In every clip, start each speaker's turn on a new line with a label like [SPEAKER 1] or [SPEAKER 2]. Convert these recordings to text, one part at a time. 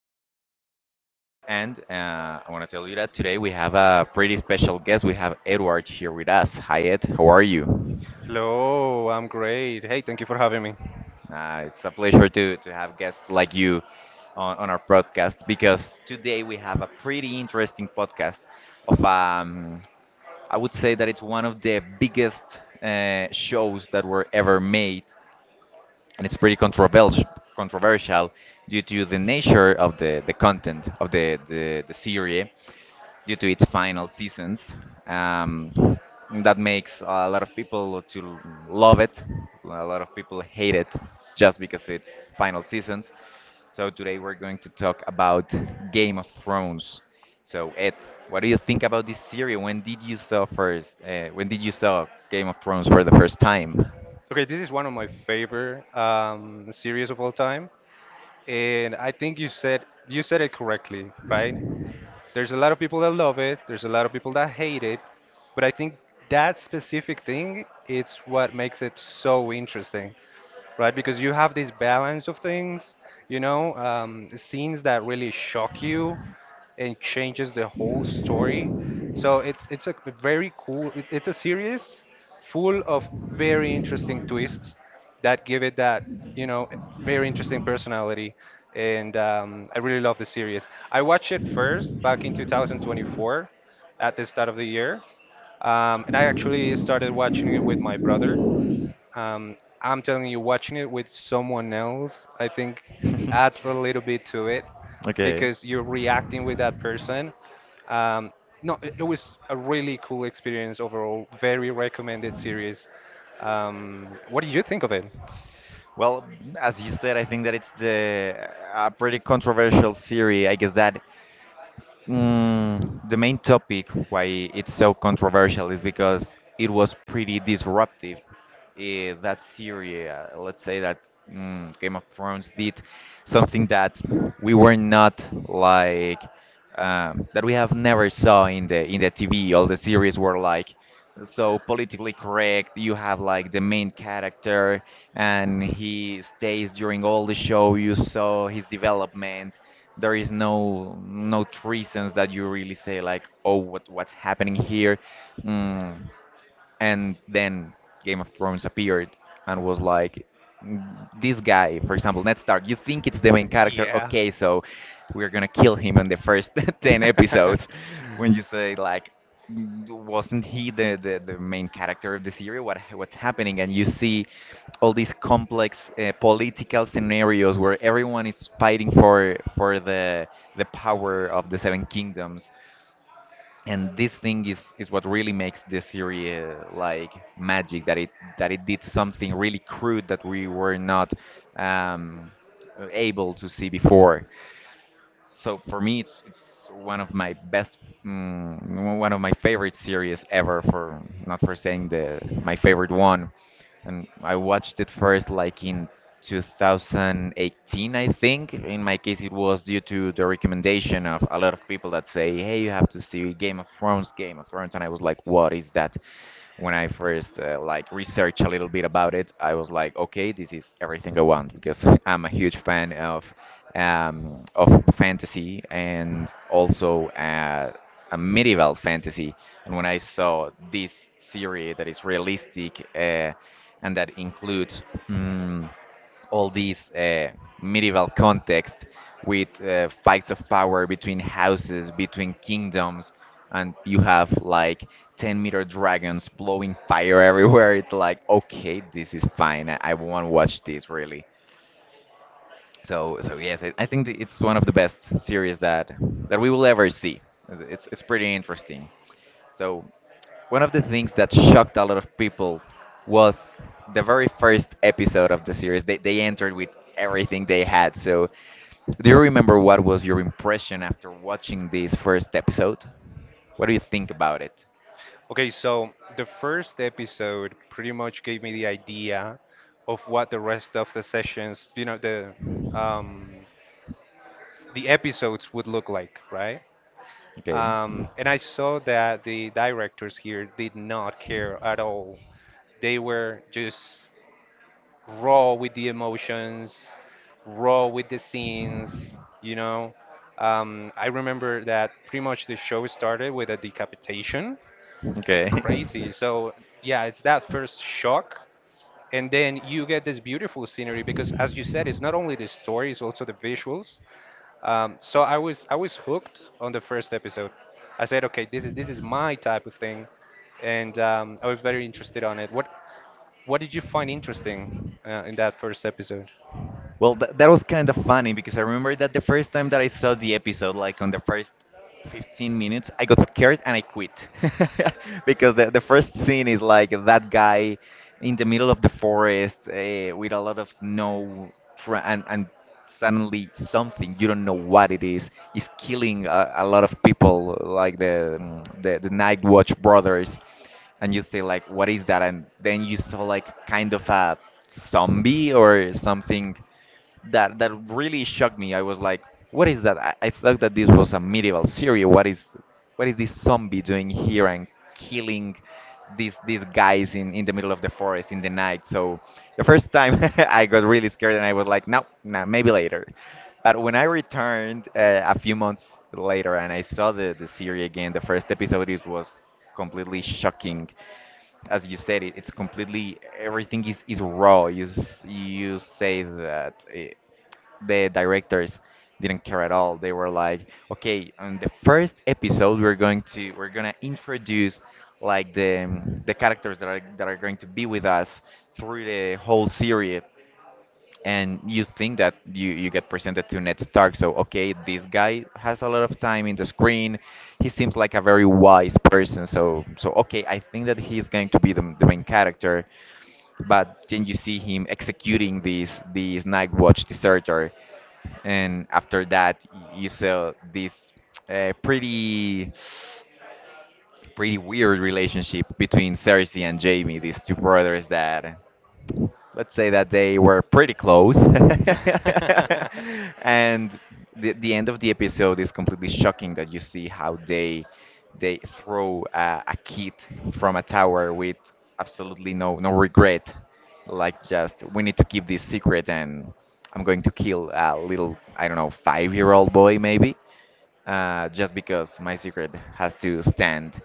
[SPEAKER 1] for today, and I want to tell you that today we have a pretty special guest. We have Edward here with us. Hi, Ed, how are you?
[SPEAKER 2] Hello, I'm great. Hey, thank you for having me.
[SPEAKER 1] It's a pleasure to have guests like you on our podcast, because today we have a pretty interesting podcast of I would say that it's one of the biggest shows that were ever made, and it's pretty controversial due to the nature of the content of the series, due to its final seasons. um, that makes a lot of people to love it, a lot of people hate it, just because it's final seasons. So today we're going to talk about Game of Thrones. So Ed, what do you think about this series? When did you saw first, when did you saw Game of Thrones for the first time?
[SPEAKER 2] Okay, this is one of my favorite series of all time, and I think you said it correctly, right? There's a lot of people that love it. There's a lot of people that hate it, but I think that specific thing it's what makes it so interesting. Right? Because you have this balance of things, you know, scenes that really shock you and changes the whole story. So it's a very cool. It's a series full of very interesting twists that give it that, you know, very interesting personality. And I really love the series. I watched it first back in 2024 at the start of the year. And I actually started watching it with my brother. Um, I'm telling you, watching it with someone else, I think adds a little bit to it
[SPEAKER 1] Okay.
[SPEAKER 2] because you're reacting with that person. Um, no, it was a really cool experience overall. Very recommended series. What did you think of it?
[SPEAKER 1] Well, as you said, I think that it's the a pretty controversial theory. I guess that the main topic why it's so controversial is because it was pretty disruptive. That series, let's say that Game of Thrones did something that we were not like, that we have never saw in the TV. All the series were like so politically correct. You have like the main character, and he stays during all the show. You saw his development. There is no reasons that you really say like, oh, what what's happening here? Mm and then Game of Thrones appeared and was like, "Mm, this guy, for example, Ned Stark, you think it's the main character?
[SPEAKER 2] Yeah.
[SPEAKER 1] Okay, so we're gonna kill him in the first 10 episodes." When you say, like, "Mm, wasn't he the main character of the series? What, what's happening?" And you see all these complex political scenarios where everyone is fighting for the power of the Seven Kingdoms, and this thing is what really makes this series like magic, that it did something really crude that we were not um, able to see before. So for me it's one of my best, one of my favorite series ever, for not for saying the my favorite one. And I watched it first like in 2018, I think. In my case, it was due to the recommendation of a lot of people that say, "Hey, you have to see Game of Thrones," and I was like, "What is that?" When I first like researched a little bit about it, I was like, "Okay, this is everything I want," because I'm a huge fan of fantasy and also a medieval fantasy. And when I saw this series that is realistic. And that includes mm, all these medieval context with fights of power between houses, between kingdoms, and you have like 10-meter dragons blowing fire everywhere. It's like, okay, this is fine. I won't watch this really. So so yes, I think that it's one of the best series that that we will ever see. It's pretty interesting. So one of the things that shocked a lot of people was the very first episode of the series. They entered with everything they had. So do you remember what was your impression after watching this first episode? What do you think about it?
[SPEAKER 2] Okay, so the first episode pretty much gave me the idea of what the rest of the sessions, you know, um, the episodes would look like, right?
[SPEAKER 1] Okay.
[SPEAKER 2] And I saw that the directors here did not care at all. They were just raw with the emotions, raw with the scenes, you know. I remember that pretty much the show started with a decapitation
[SPEAKER 1] Okay.
[SPEAKER 2] crazy. So yeah, it's that first shock, and then you get this beautiful scenery because, as you said, it's not only the story, it's also the visuals. So I was hooked on the first episode. I said, okay, this is my type of thing, and I was very interested on it. What did you find interesting in that first episode?
[SPEAKER 1] Well, that was kind of funny because I remember that the first time that I saw the episode, like on the first 15 minutes, I got scared and I quit. Because the first scene is like that guy in the middle of the forest with a lot of snow and suddenly something, you don't know what it is killing a lot of people, like the, the Night Watch brothers, and you say like what is that, and then you saw like kind of a zombie or something that that really shocked me. I was like, "What is that? I thought that this was a medieval series. What is this zombie doing here and killing these guys in the middle of the forest in the night?" So the first time I got really scared and I was like, "No, no, maybe later." But when I returned a few months later and I saw the series again, the first episode it was completely shocking. As you said, it it's completely everything is raw. You you say that the directors didn't care at all. They were like, okay, on the first episode we're going to introduce like the characters that are going to be with us through the whole series. And you think that you get presented to Ned Stark. So, okay, this guy has a lot of time in the screen. He seems like a very wise person. So, so okay, I think that he's going to be the main character. But then you see him executing this this Night Watch deserter, and after that, you saw this pretty pretty weird relationship between Cersei and Jamie, these two brothers that, let's say that they were pretty close. And the end of the episode is completely shocking, that you see how they throw a kid from a tower with absolutely no regret. Like, just we need to keep this secret, and I'm going to kill a little, I don't know, 5 year old boy maybe, just because my secret has to stand,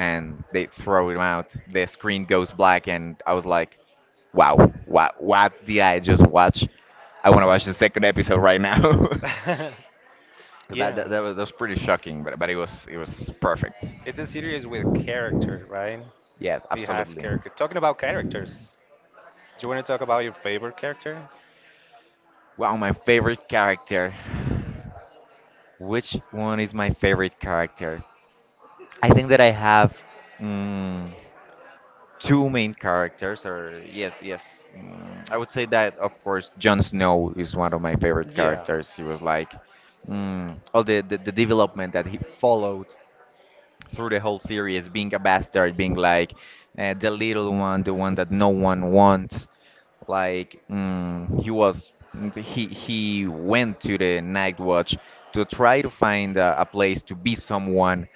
[SPEAKER 1] and they throw him out. The screen goes black, and I was like, wow, what did I just watch? I want to watch the second episode right now. So
[SPEAKER 2] Yeah,
[SPEAKER 1] that was pretty shocking, but it was perfect.
[SPEAKER 2] it's a series with character, right?
[SPEAKER 1] Yes,
[SPEAKER 2] It has
[SPEAKER 1] absolutely.
[SPEAKER 2] character. Talking about characters, do you want to talk about your favorite character?
[SPEAKER 1] Wow, my favorite character. Which one is my favorite character? I think that I have. Mm, Two main characters, or yes yes, I would say that of course Jon Snow is one of my favorite
[SPEAKER 2] Yeah.
[SPEAKER 1] characters. He was like, all the development that he followed through the whole series, being a bastard, being like the little one, the one that no one wants. Like, he was, he went to the Night Watch to try to find a place to be someone,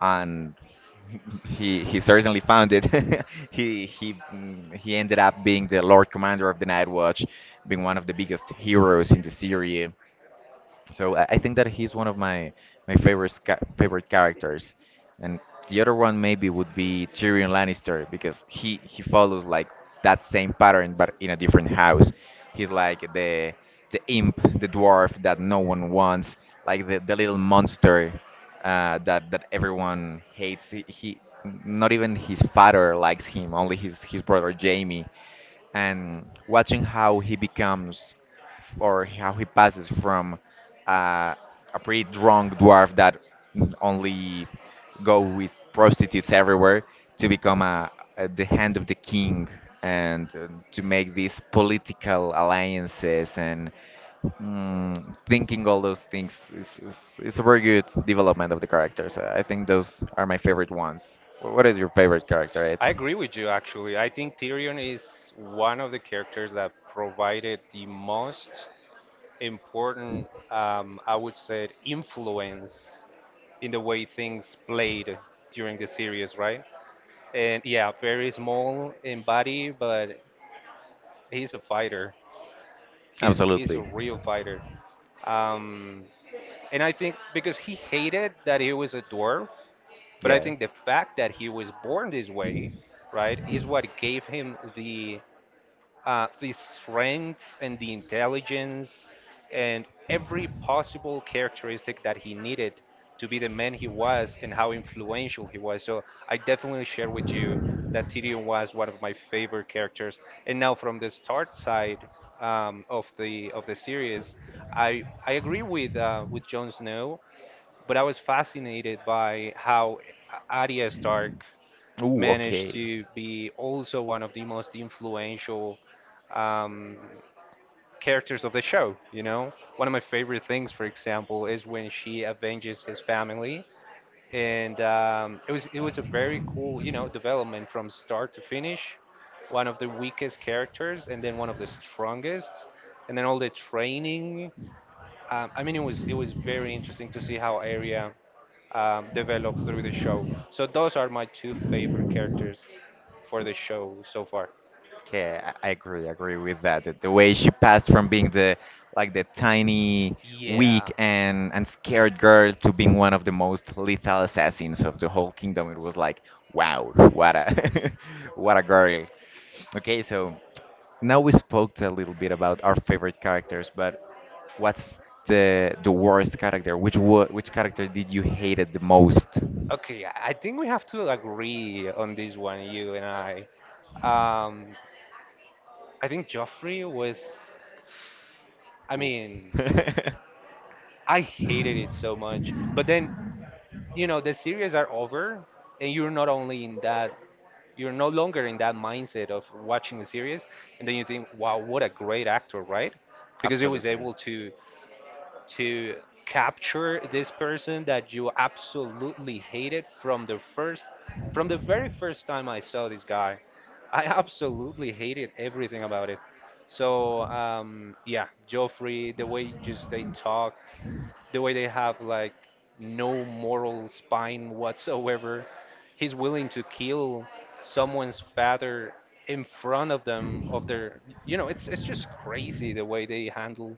[SPEAKER 1] and he certainly found it. He he ended up being the Lord Commander of the Night Watch, being one of the biggest heroes in the series. So I think that he's one of my my favorite characters, and the other one maybe would be Tyrion Lannister, because he follows like that same pattern but in a different house. He's like the imp, the dwarf that no one wants, like the little monster that that everyone hates. He not even his father likes him, only his brother Jamie, and watching how he becomes, or how he passes from uh, a pretty drunk dwarf that only go with prostitutes everywhere to become a, the hand of the king, and to make these political alliances and thinking all those things is a very good development of the characters. I think those are my favorite ones. What is your favorite character,
[SPEAKER 2] I
[SPEAKER 1] Ed?
[SPEAKER 2] agree with you, actually. I think Tyrion is one of the characters that provided the most important, I would say, influence in the way things played during the series, right? And yeah, very small in body, but he's a fighter. He's a
[SPEAKER 1] Absolutely.
[SPEAKER 2] real fighter. Um, and I think because he hated that he was a dwarf, but I
[SPEAKER 1] Yes.
[SPEAKER 2] think the fact that he was born this way, right, is what gave him the strength and the intelligence and every possible characteristic that he needed to be the man he was and how influential he was. So I definitely share with you that Tyrion was one of my favorite characters. And now from the start side of the series, I agree with Jon Snow, but I was fascinated by how Arya Stark
[SPEAKER 1] Ooh,
[SPEAKER 2] managed
[SPEAKER 1] okay.
[SPEAKER 2] to be also one of the most influential um, characters of the show. You know, one of my favorite things, for example, is when she avenges his family, and it was a very cool, you know, development from start to finish. One of the weakest characters, and then one of the strongest, and then all the training. I mean, it was very interesting to see how Arya developed through the show. So those are my two favorite characters for the show so far.
[SPEAKER 1] Okay, I agree with that. The way she passed from being the like the tiny,
[SPEAKER 2] Yeah.
[SPEAKER 1] weak and scared girl to being one of the most lethal assassins of the whole kingdom, it was like, wow, what a what a girl. Okay, so now we spoke a little bit about our favorite characters, but what's the worst character? Which wa which character did you hated the most?
[SPEAKER 2] Okay, I think we have to agree on this one, you and I. Um, I think Joffrey was, I
[SPEAKER 1] Oof.
[SPEAKER 2] mean, I hated it so much. But then, you know, the series are over, and you're not only in that, you're no longer in that mindset of watching a series, and then you think, "Wow, what a great actor!" Right? Because he was
[SPEAKER 1] Absolutely.
[SPEAKER 2] able to capture this person that you absolutely hated from the first, from the very first time I saw this guy. I absolutely hated everything about it. So yeah, Joffrey, the way just they talked, the way they have like no moral spine whatsoever. He's willing to kill someone's father in front of them of their, you know, it's just crazy the way they handle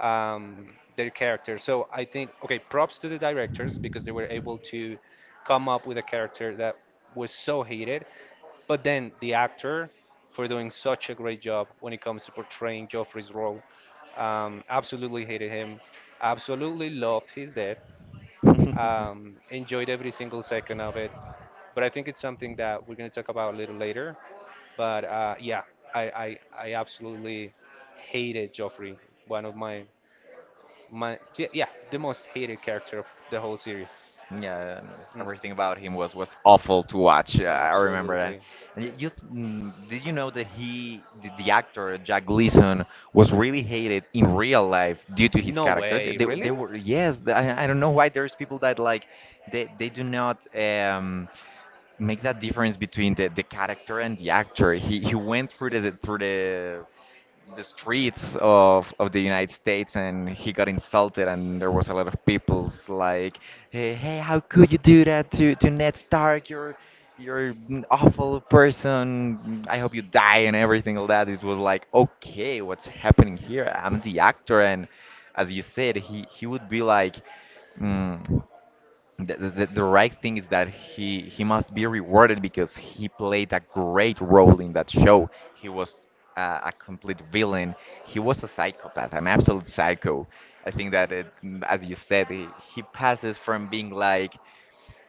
[SPEAKER 2] um, their character. So I think, okay, props to the directors because they were able to come up with a character that was so hated, but then the actor for doing such a great job when it comes to portraying Joffrey's role. Absolutely hated him, absolutely loved his death, enjoyed every single second of it. But I think it's something that we're going to talk about a little later. But yeah, I, I, I absolutely hated Joffrey, one of my my yeah, yeah, the most hated character of the whole series.
[SPEAKER 1] Yeah,
[SPEAKER 2] Mm,
[SPEAKER 1] everything about him was awful to watch. I remember that.
[SPEAKER 2] absolutely.
[SPEAKER 1] And you did you know that he, the actor Jack Gleason, was really hated in real life due to his
[SPEAKER 2] No
[SPEAKER 1] character? They,
[SPEAKER 2] way,
[SPEAKER 1] they, they
[SPEAKER 2] really?
[SPEAKER 1] were yes. I don't know why there's people that like they do not make that difference between the character and the actor. He went through the streets of the United States, and he got insulted, and there was a lot of people's like, "Hey, hey, how could you do that to Ned Stark? You're an awful person, I hope you die," and everything, all that. It was like, okay, what's happening here? I'm the actor. And as you said, he would be like, mm, the right thing is that he must be rewarded because he played a great role in that show. He was a complete villain. He was a psychopath, an absolute psycho. I think that as you said, he passes from being like,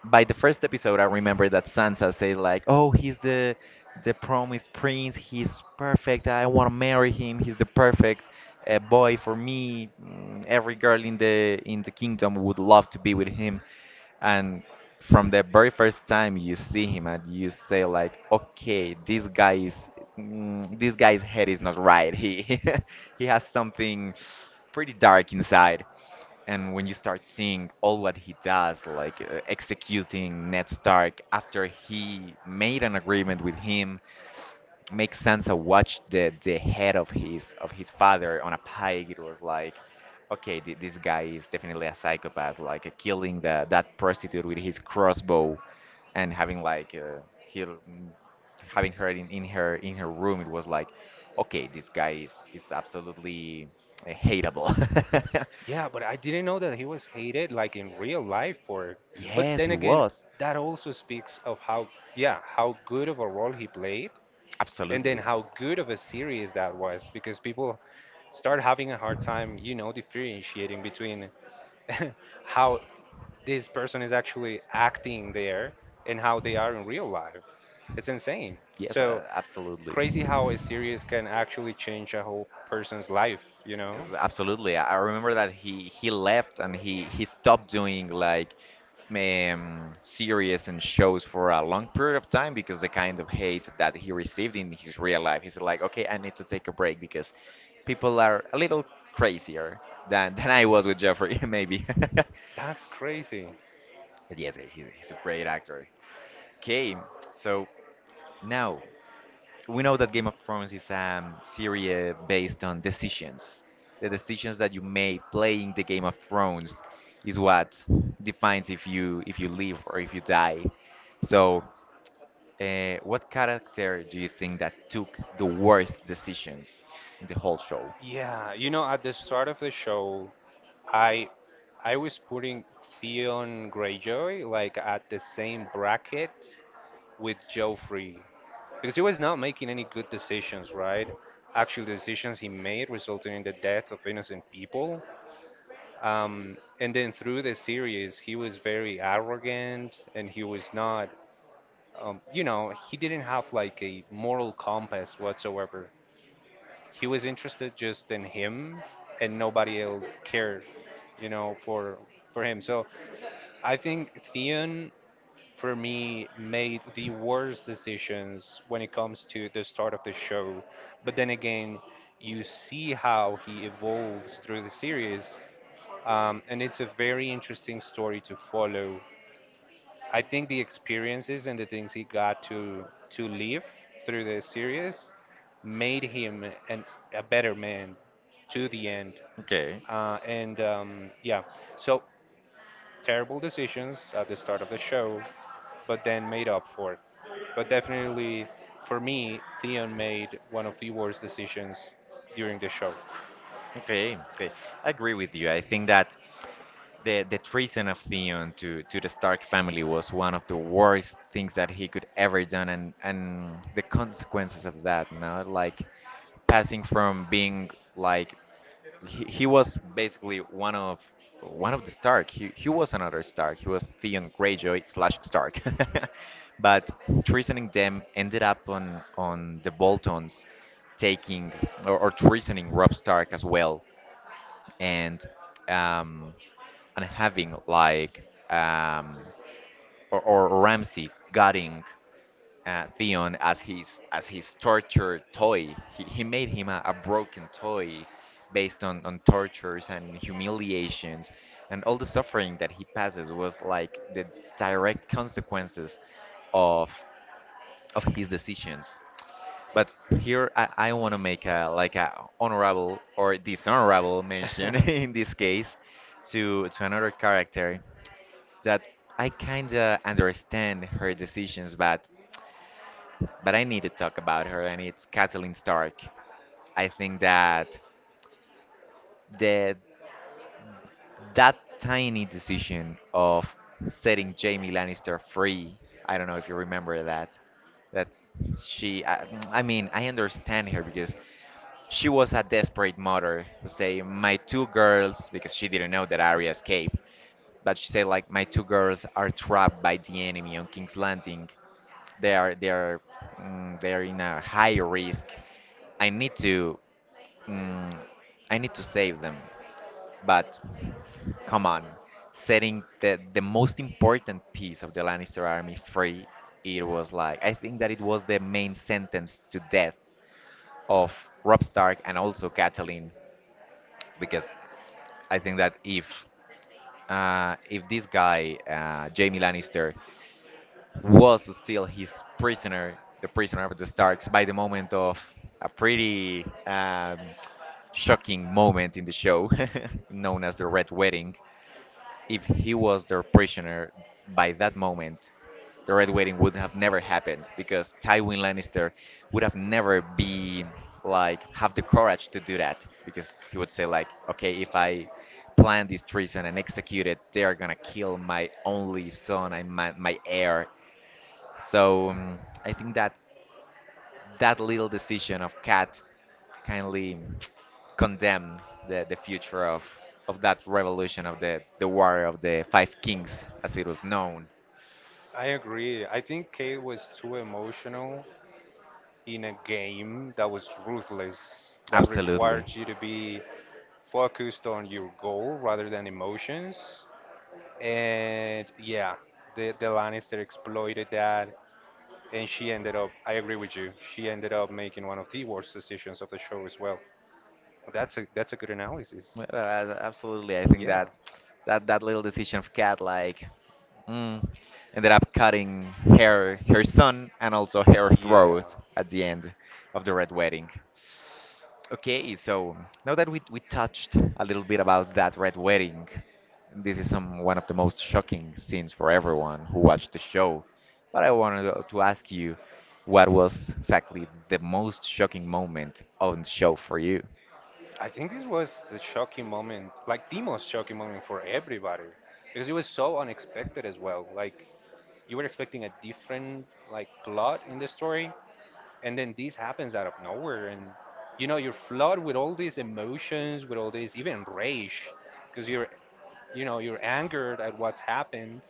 [SPEAKER 1] by the first episode, I remember, that Sansa said like, "Oh, he's the promised prince. He's perfect. I want to marry him. He's the perfect boy for me. Every girl in the kingdom would love to be with him." And from the very first time you see him, and you say like, "Okay, this guy's head is not right. He" he has something pretty dark inside. And when you start seeing all what he does, like executing Ned Stark after he made an agreement with him, makes sense. Sansa watch the head of his father on a pike. It was like, okay, th this guy is definitely a psychopath. Like killing the that prostitute with his crossbow, and having like he having her in her room. It was like, okay, this guy is absolutely hateable.
[SPEAKER 2] Yeah, but I didn't know that he was hated like in real life for it. But
[SPEAKER 1] Yes, he
[SPEAKER 2] then again,
[SPEAKER 1] was.
[SPEAKER 2] that also speaks of how yeah, how good of a role he played and then
[SPEAKER 1] Absolutely.
[SPEAKER 2] how good of a series that was because people start having a hard time, you know, differentiating between how this person is actually acting there and how they are in real life. It's insane.
[SPEAKER 1] Yes,
[SPEAKER 2] So
[SPEAKER 1] absolutely.
[SPEAKER 2] crazy how a series can actually change a whole person's life, you know?
[SPEAKER 1] Yes, absolutely. I remember that he left, and he stopped doing like series and shows for a long period of time because the kind of hate that he received in his real life. He's like, okay, I need to take a break because people are a little crazier than than I was with Jeffrey, maybe.
[SPEAKER 2] That's crazy.
[SPEAKER 1] But yes, he's a great actor. Okay, so now, we know that Game of Thrones is a series based on decisions. The decisions that you made playing the Game of Thrones is what defines if you live or if you die. So, what character do you think that took the worst decisions in the whole show?
[SPEAKER 2] Yeah, you know, at the start of the show, I I was putting Theon Greyjoy like at the same bracket with Joffrey because he was not making any good decisions, right? Actual decisions he made resulting in the death of innocent people. And then through the series, he was very arrogant and he was not, you know, he didn't have like a moral compass whatsoever. He was interested just in him and nobody else cared, you know, for him. So I think Theon, for me, made the worst decisions when it comes to the start of the show. But then again, you see how he evolves through the series and it's a very interesting story to follow. I think the experiences and the things he got to live through the series made him an, a better man to the end.
[SPEAKER 1] Okay.
[SPEAKER 2] And yeah, so terrible decisions at the start of the show, but then made up for. But definitely, for me, Theon made one of the worst decisions during the show.
[SPEAKER 1] Okay, okay. I agree with you. I think that the treason of Theon to the Stark family was one of the worst things that he could ever done, and the consequences of that, no, like passing from being like, he was basically one of the Stark. He was another Stark. He was Theon Greyjoy slash Stark. But treasoning them ended up on the Boltons taking, or treasoning Rob Stark as well, and um, having like um, or Ramsey gutting Theon as his torture toy. He made him a broken toy based on tortures and humiliations, and all the suffering that he passes was like the direct consequences of of his decisions. But here I want to make a like a honorable or dishonorable mention in this case, to another character that I kinda understand her decisions, but I need to talk about her, and it's Kathleen Stark. I think that the that tiny decision of setting Jamie Lannister free. I don't know if you remember that. That she. I mean, I understand her because she was a desperate mother who say, my two girls, because she didn't know that Arya escaped. But she said like, my two girls are trapped by the enemy on King's Landing. They are they are in a high risk. I need to mm, save them. But come on, setting the most important piece of the Lannister army free, it was like, I think that it was the main sentence to death of Rob Stark, and also Catelyn, because I think that if this guy, Jamie Lannister, was still his prisoner, the prisoner of the Starks, by the moment of a pretty shocking moment in the show, known as the Red Wedding. If he was their prisoner by that moment, the Red Wedding would have never happened, because Tywin Lannister would have never be, like, have the courage to do that, because he would say like, okay, if I plan this treason and execute it, they are gonna kill my only son and my heir. So I think that that, little decision of Cat kindly condemned the future of that revolution of the War of the Five Kings, as it was known.
[SPEAKER 2] I agree. I think Kate was too emotional in a game that was ruthless, that
[SPEAKER 1] Absolutely.
[SPEAKER 2] required you to be focused on your goal rather than emotions. And yeah, the Lannister exploited that, and she ended up, I agree with you, she ended up making one of the worst decisions of the show as well. That's a good
[SPEAKER 1] Well,
[SPEAKER 2] analysis.
[SPEAKER 1] absolutely. I think
[SPEAKER 2] Yeah.
[SPEAKER 1] that, that little decision of Cat, like, mm, ended up cutting her son and also her
[SPEAKER 2] Yeah.
[SPEAKER 1] throat at the end of the Red Wedding. Okay, so now that we touched a little bit about that red wedding, this is some one of the most shocking scenes for everyone who watched the show. But I wanted to ask you, what was exactly the most shocking moment on the show for you?
[SPEAKER 2] I think this was the shocking moment, like the most shocking moment for everybody, because it was so unexpected as well. Like you were expecting a different like plot in the story, and then this happens out of nowhere and you know you're flooded with all these emotions with all these even rage because you're you know you're angered at what's happened.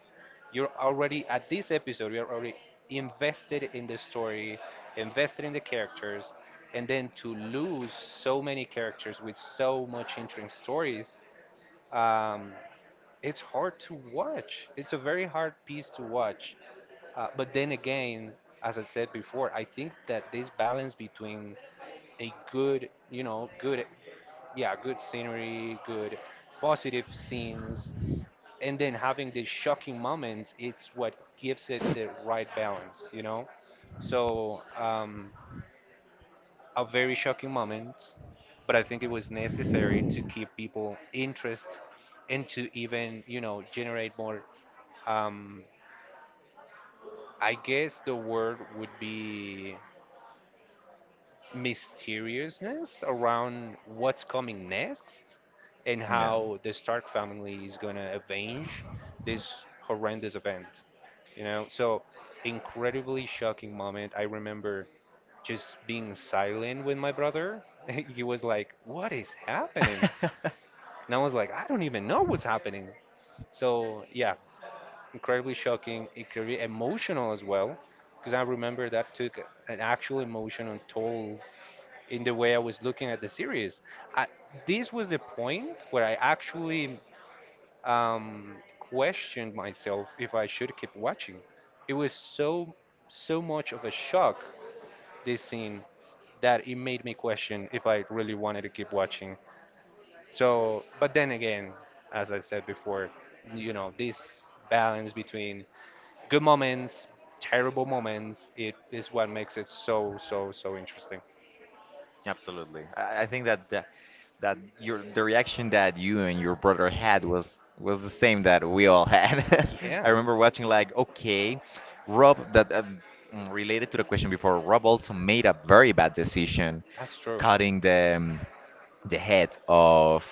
[SPEAKER 2] You're already at this episode, you're already invested in the story, invested in the characters, and then to lose so many characters with so much interesting stories, um, it's hard to watch. It's a very hard piece to watch. But then again, as I said before, I think that this balance between a good, you know, good, yeah, good scenery, good positive scenes, and then having the shocking moments, it's what gives it the right balance, you know? So, a very shocking moment, but I think it was necessary to keep people interest and to even, you know, generate more. Um, I guess the word would be mysteriousness around what's coming next and how the Stark family is gonna avenge this horrendous event. You know, so incredibly shocking moment. I remember just being silent with my brother. He was like, what is happening?
[SPEAKER 1] Yeah.
[SPEAKER 2] And I was like, I don't even know what's happening. So, yeah, incredibly shocking, incredibly emotional as well. Because I remember that took an actual emotional toll in the way I was looking at the series. I, this was the point where I actually questioned myself if I should keep watching. It was so, so much of a shock, this scene, that it made me question if I really wanted to keep watching. So, but then again, as I said before, you know, this balance between good moments, terrible moments, it is what makes it so, so, so interesting.
[SPEAKER 1] Absolutely. I think that the, that your the reaction that you and your brother had was the same that we all had. I
[SPEAKER 2] Yeah.
[SPEAKER 1] remember watching like, okay, Rob that um, related to the question before, Rob also made a very bad decision
[SPEAKER 2] That's true.
[SPEAKER 1] cutting the head of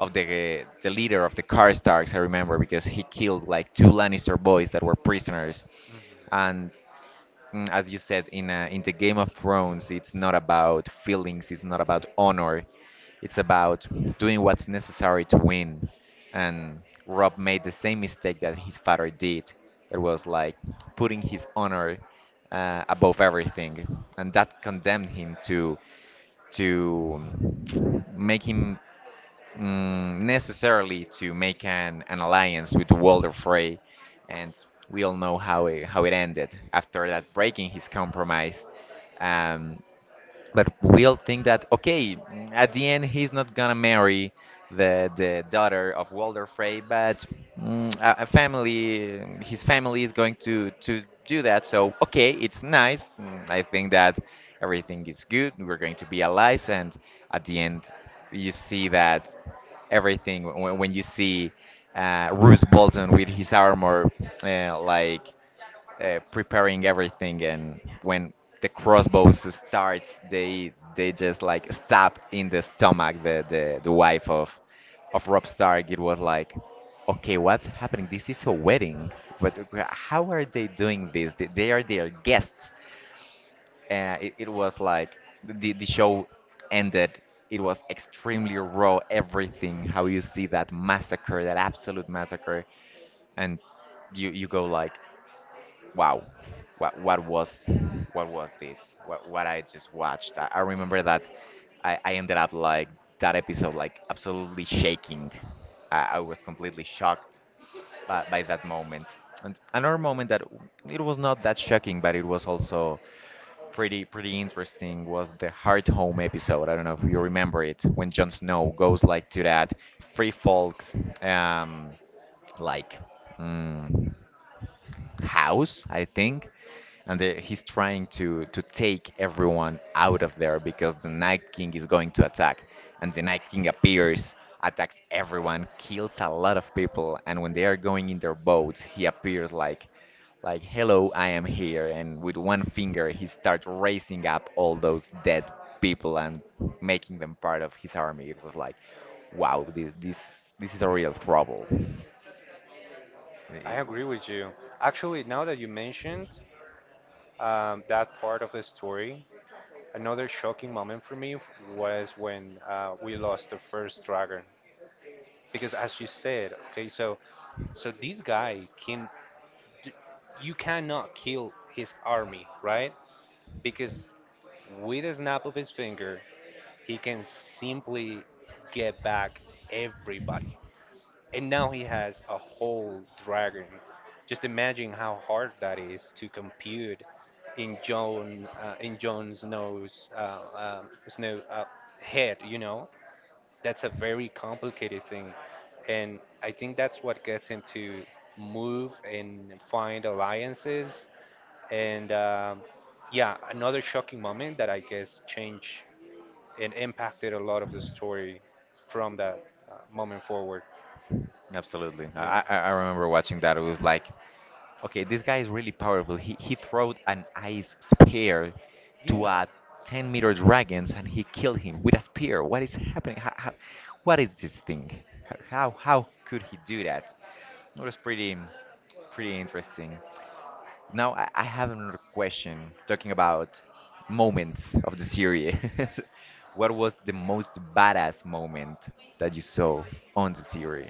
[SPEAKER 1] of the leader of the Karstarks, I remember, because he killed like two Lannister boys that were prisoners,
[SPEAKER 2] Mhm.
[SPEAKER 1] and, as you said, in the Game of Thrones, it's not about feelings, it's not about honor, it's about doing what's necessary to win. And Rob made the same mistake that his father did, that was like putting his honor above everything, and that condemned him to make him mm, necessarily to make an alliance with Walder Frey, and we all know how how it ended after that, breaking his compromise. Um, but we'll think that, okay, at the end, he's not gonna marry the daughter of Walder Frey, but a family his family is going to do that. So okay, it's nice, I think that everything is good, we're going to be allies. And at the end, you see that everything, when you see, Bruce Bolton with his armor, like, preparing everything, and when the crossbows starts, they just like stab in the stomach the wife of Rob Stark. It was like, okay, what's happening? This is a wedding, but how are they doing this? They are their guests. It was like the show ended. It was extremely raw everything, how you see that massacre, that absolute massacre. And you go like, wow, what what was what was this, what I just watched. I remember that I ended up like that episode like absolutely shaking. I was completely shocked by that moment. And another moment that, it was not that shocking, but it was also pretty interesting, was the Heart Home episode. I don't know if you remember it, when Jon Snow goes like to that free folks, um like, Mm, house, I think, and he's trying to take everyone out of there because the Night King is going to attack, and the Night King appears, attacks everyone, kills a lot of people, and when they are going in their boats, he appears like, hello, I am here, and with one finger he starts raising up all those dead people and making them part of his army. It was like, wow, this is a real trouble. It,
[SPEAKER 2] I
[SPEAKER 1] I
[SPEAKER 2] agree with you. Actually, now that you mentioned that part of the story, another shocking moment for me was when we lost the first dragon. Because as you said, okay, so so this guy can, d- you cannot kill his army, right? Because with a snap of his finger, he can simply get back everybody. And now he has a whole dragon. Just imagine how hard that is to compute in John in Jon Snow's Snow head. That's a very complicated thing, and I think that's what gets him to move and find alliances. And yeah, another shocking moment that I guess changed and impacted a lot of the story from that moment forward.
[SPEAKER 1] Absolutely.
[SPEAKER 2] Yeah.
[SPEAKER 1] I remember watching that. It was like, okay, this guy is really powerful. He throwed an ice spear to
[SPEAKER 2] Yeah.
[SPEAKER 1] a 10-meter dragons, and he killed him with a spear. What is happening? What is this thing? How, could he do that? It was pretty interesting. Now I have another question talking about moments of the series. What was the most badass moment that you saw on the series?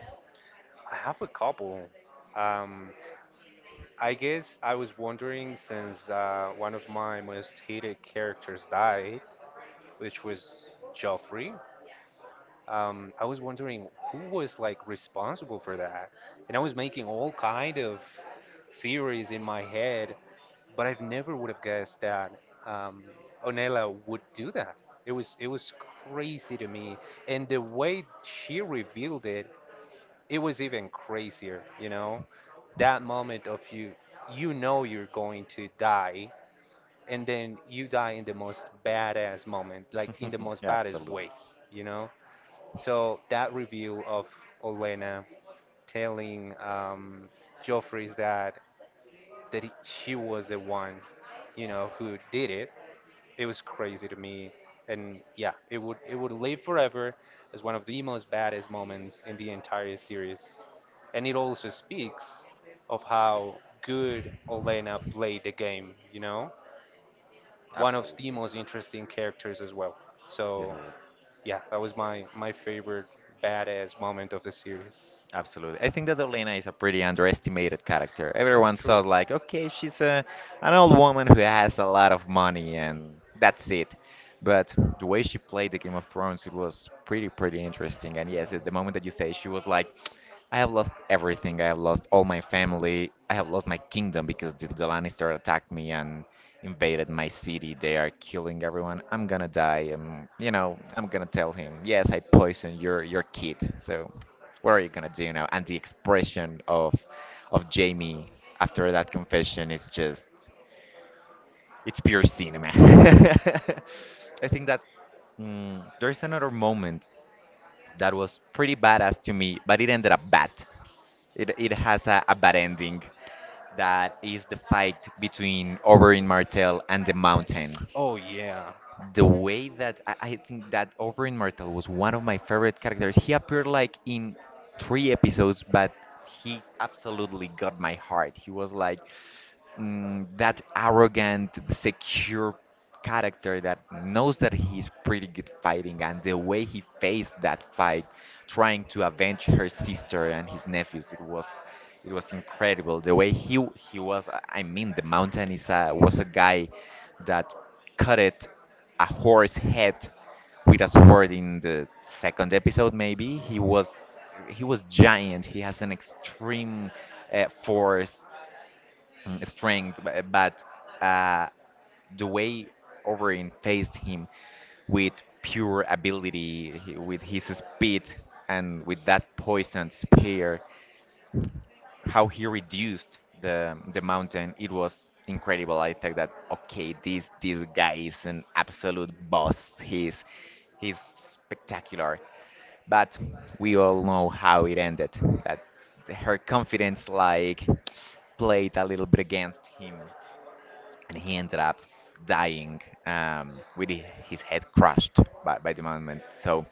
[SPEAKER 2] I have a couple. Um, I guess I was wondering since one of my most hated characters died, which was Joffrey. I was wondering who was like responsible for that, and I was making all kind of theories in my head, but I've never would have guessed that um, Onella would do that. It was crazy to me, and the way she revealed it, it was even crazier. You know, that moment of you know you're going to die, and then you die in the most badass moment, like in the most
[SPEAKER 1] Yeah,
[SPEAKER 2] badass
[SPEAKER 1] absolutely.
[SPEAKER 2] way. You know. So that review of Olena telling Joffrey's that she was the one, you know, who did it. It was crazy to me, and yeah, it would live forever as one of the most baddest moments in the entire series, and it also speaks of how good Olena played the game. You know, one of the
[SPEAKER 1] Absolutely.
[SPEAKER 2] most interesting characters as well.
[SPEAKER 1] Yes,
[SPEAKER 2] So
[SPEAKER 1] Lord.
[SPEAKER 2] yeah, that was my favorite badass moment of the series.
[SPEAKER 1] Absolutely. I think that Olena is a pretty underestimated character.
[SPEAKER 2] That's
[SPEAKER 1] Everyone
[SPEAKER 2] true.
[SPEAKER 1] says like, okay, she's a an old woman who has a lot of money, and that's it. But the way she played the Game of Thrones, it was pretty, pretty interesting. And yes, at the moment that you say, she was like, I have lost everything. I have lost all my family. I have lost my kingdom because the Lannister attacked me and invaded my city. They are killing everyone. I'm gonna die. I'm gonna tell him, yes, I poisoned your kid. So. What are you gonna do now? And the expression of Jamie after that confession is just it's pure cinema. I think that there's another moment that was pretty badass to me, but it ended up bad. It has a bad ending. That is the fight between Oberyn Martell and the Mountain.
[SPEAKER 2] Oh yeah.
[SPEAKER 1] The way that I think that Over in Martel was one of my favorite characters. He appeared like in three episodes, but he absolutely got my heart. He was like, that arrogant, secure character that knows that he's pretty good fighting, and the way he faced that fight, trying to avenge her sister and his nephews, it was incredible. The way he was. I mean, the mountain was a guy that cut it a horse head with a sword in the second episode. Maybe he was giant. He has an extreme force, strength, but uh, the way Overeem faced him with pure ability, with his speed, and with that poisoned spear, how he reduced the mountain. It was incredible. I think that, okay, this guy is an absolute boss. He's spectacular, but we all know how it ended. That her confidence, like, played a little bit against him, and he ended up dying, with his head crushed by the moment. So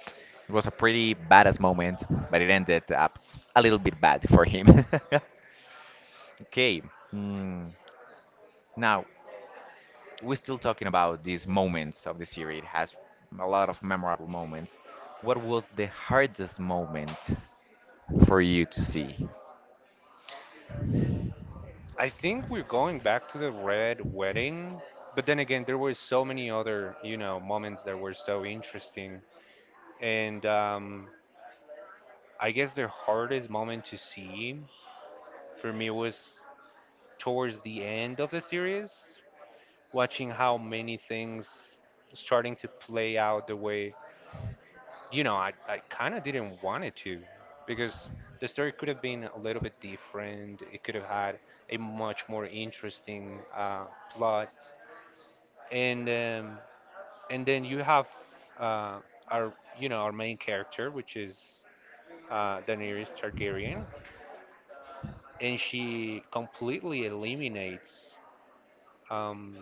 [SPEAKER 1] it was a pretty badass moment, but it ended up a little bit bad for him. Okay. Mm. Now, we're still talking about these moments of the series. It has a lot of memorable moments. What was the hardest moment for you to see?
[SPEAKER 2] I think we're going back to the red wedding, but then again, there were so many other, you know, moments that were so interesting. And I guess the hardest moment to see for me was towards the end of the series, watching how many things starting to play out the way, you know, I kind of didn't want it to because the story could have been a little bit different. It could have had a much more interesting plot and um, and then you have uh, our our main character, which is Daenerys Targaryen, and she completely eliminates um,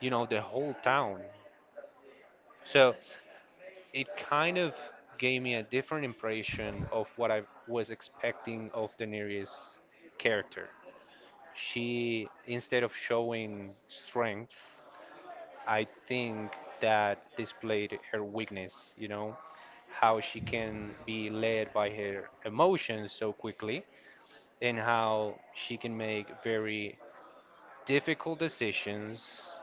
[SPEAKER 2] you know the whole town. So it kind of gave me a different impression of what I was expecting of Daenerys' character. She instead of showing strength I think that displayed her weakness, you know, how she can be led by her emotions so quickly and how she can make very difficult decisions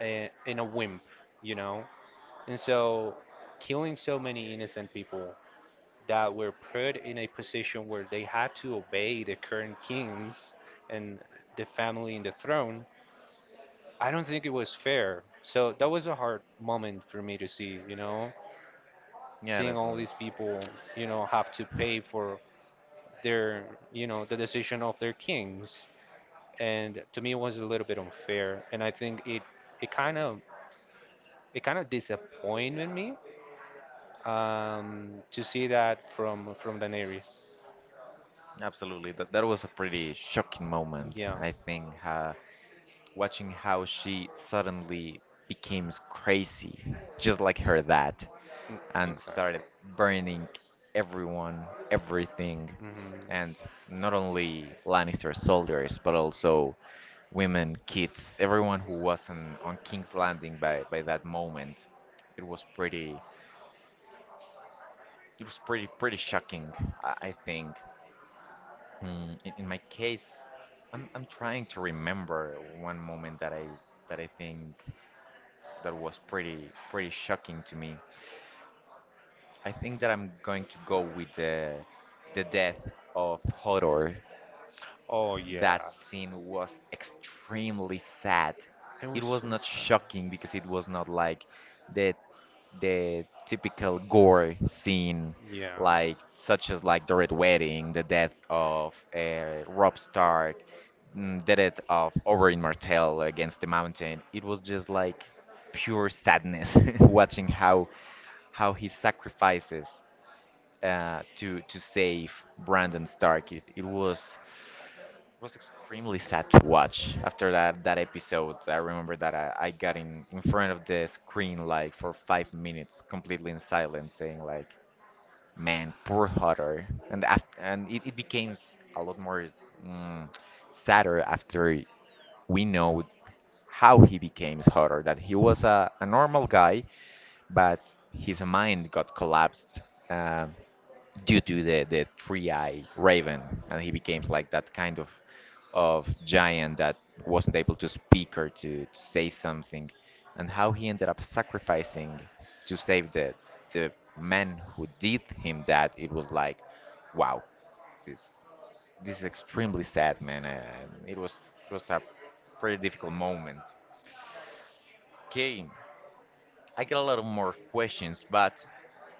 [SPEAKER 2] in a whim, you know. And so killing so many innocent people that were put in a position where they had to obey the current kings and the family and the throne I don't think it was fair. So that was a hard moment for me to see, you know,
[SPEAKER 1] Yeah, that
[SPEAKER 2] seeing all
[SPEAKER 1] was
[SPEAKER 2] these people, you know, have to pay for their, you know, the decision of their kings. And to me, it was a little bit unfair. And I think it kind of, it kind of disappointed me to see that from Daenerys.
[SPEAKER 1] absolutely that. That was a pretty shocking moment,
[SPEAKER 2] Yeah,
[SPEAKER 1] I think. Watching how she suddenly became crazy, just like her dad,
[SPEAKER 2] mm,
[SPEAKER 1] and
[SPEAKER 2] exactly.
[SPEAKER 1] started burning everyone, everything,
[SPEAKER 2] Hmm.
[SPEAKER 1] and not only Lannister soldiers, but also women, kids, everyone who wasn't on King's Landing by that moment. It was pretty, it was pretty, pretty shocking, I think. In my case, I'm trying to remember one moment that I think that was pretty, pretty shocking to me. I think that I'm going to go with the death of Hodor.
[SPEAKER 2] Oh
[SPEAKER 1] That
[SPEAKER 2] yeah,
[SPEAKER 1] scene was extremely sad.
[SPEAKER 2] I was
[SPEAKER 1] It was
[SPEAKER 2] so
[SPEAKER 1] not
[SPEAKER 2] strong.
[SPEAKER 1] shocking because it was not like the the typical gore scene,
[SPEAKER 2] Yeah.
[SPEAKER 1] like such as like the Red Wedding, the death of Rob Stark, the death of Oberyn Martell against the mountain. It was just like pure sadness. Watching how he sacrifices to save Brandon Stark. It was extremely sad to watch after that episode. I remember that I got in front of the screen like for 5 minutes, completely in silence, saying like, "Man, poor Hutter." And after, and it became a lot more, mm, sadder, after we know how he became Hutter. That he was a normal guy, but his mind got collapsed uh, due to the three-eyed raven, and he became like that kind of giant that wasn't able to speak or to say something, and how he ended up sacrificing to save the man who did him that. It was like, wow, this this is extremely sad, man, and it was a pretty difficult moment. Okay, I get a lot of more questions, but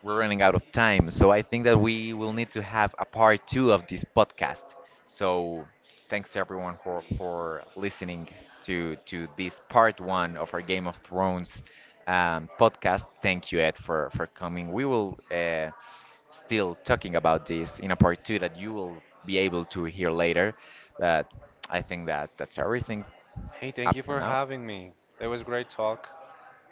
[SPEAKER 1] we're running out of time. So I think that we will need to have a part two of this podcast. So thanks to everyone for listening to this part one of our Game of Thrones podcast. Thank you, Ed, for coming. We will still talking about this in a part two that you will be able to hear later. But I think that that's everything
[SPEAKER 2] Hey, thank
[SPEAKER 1] up
[SPEAKER 2] you
[SPEAKER 1] for
[SPEAKER 2] for
[SPEAKER 1] now.
[SPEAKER 2] having me. That was great talk,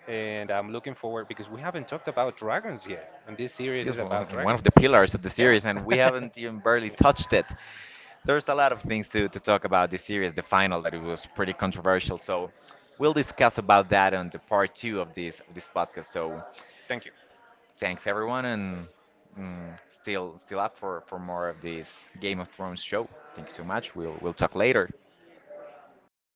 [SPEAKER 2] and I'm looking forward because we haven't talked about dragons yet, and this series is
[SPEAKER 1] Yes,
[SPEAKER 2] about
[SPEAKER 1] one of
[SPEAKER 2] dragons.
[SPEAKER 1] the pillars of the
[SPEAKER 2] Yeah.
[SPEAKER 1] series, and we haven't even barely touched it. There's a lot of things to talk about this series, the final, that it was pretty controversial. So we'll discuss about that on the part two of this podcast. So
[SPEAKER 2] Thank you.
[SPEAKER 1] thanks everyone, and still up for more of this Game of Thrones show. Thank you so much. We'll talk later.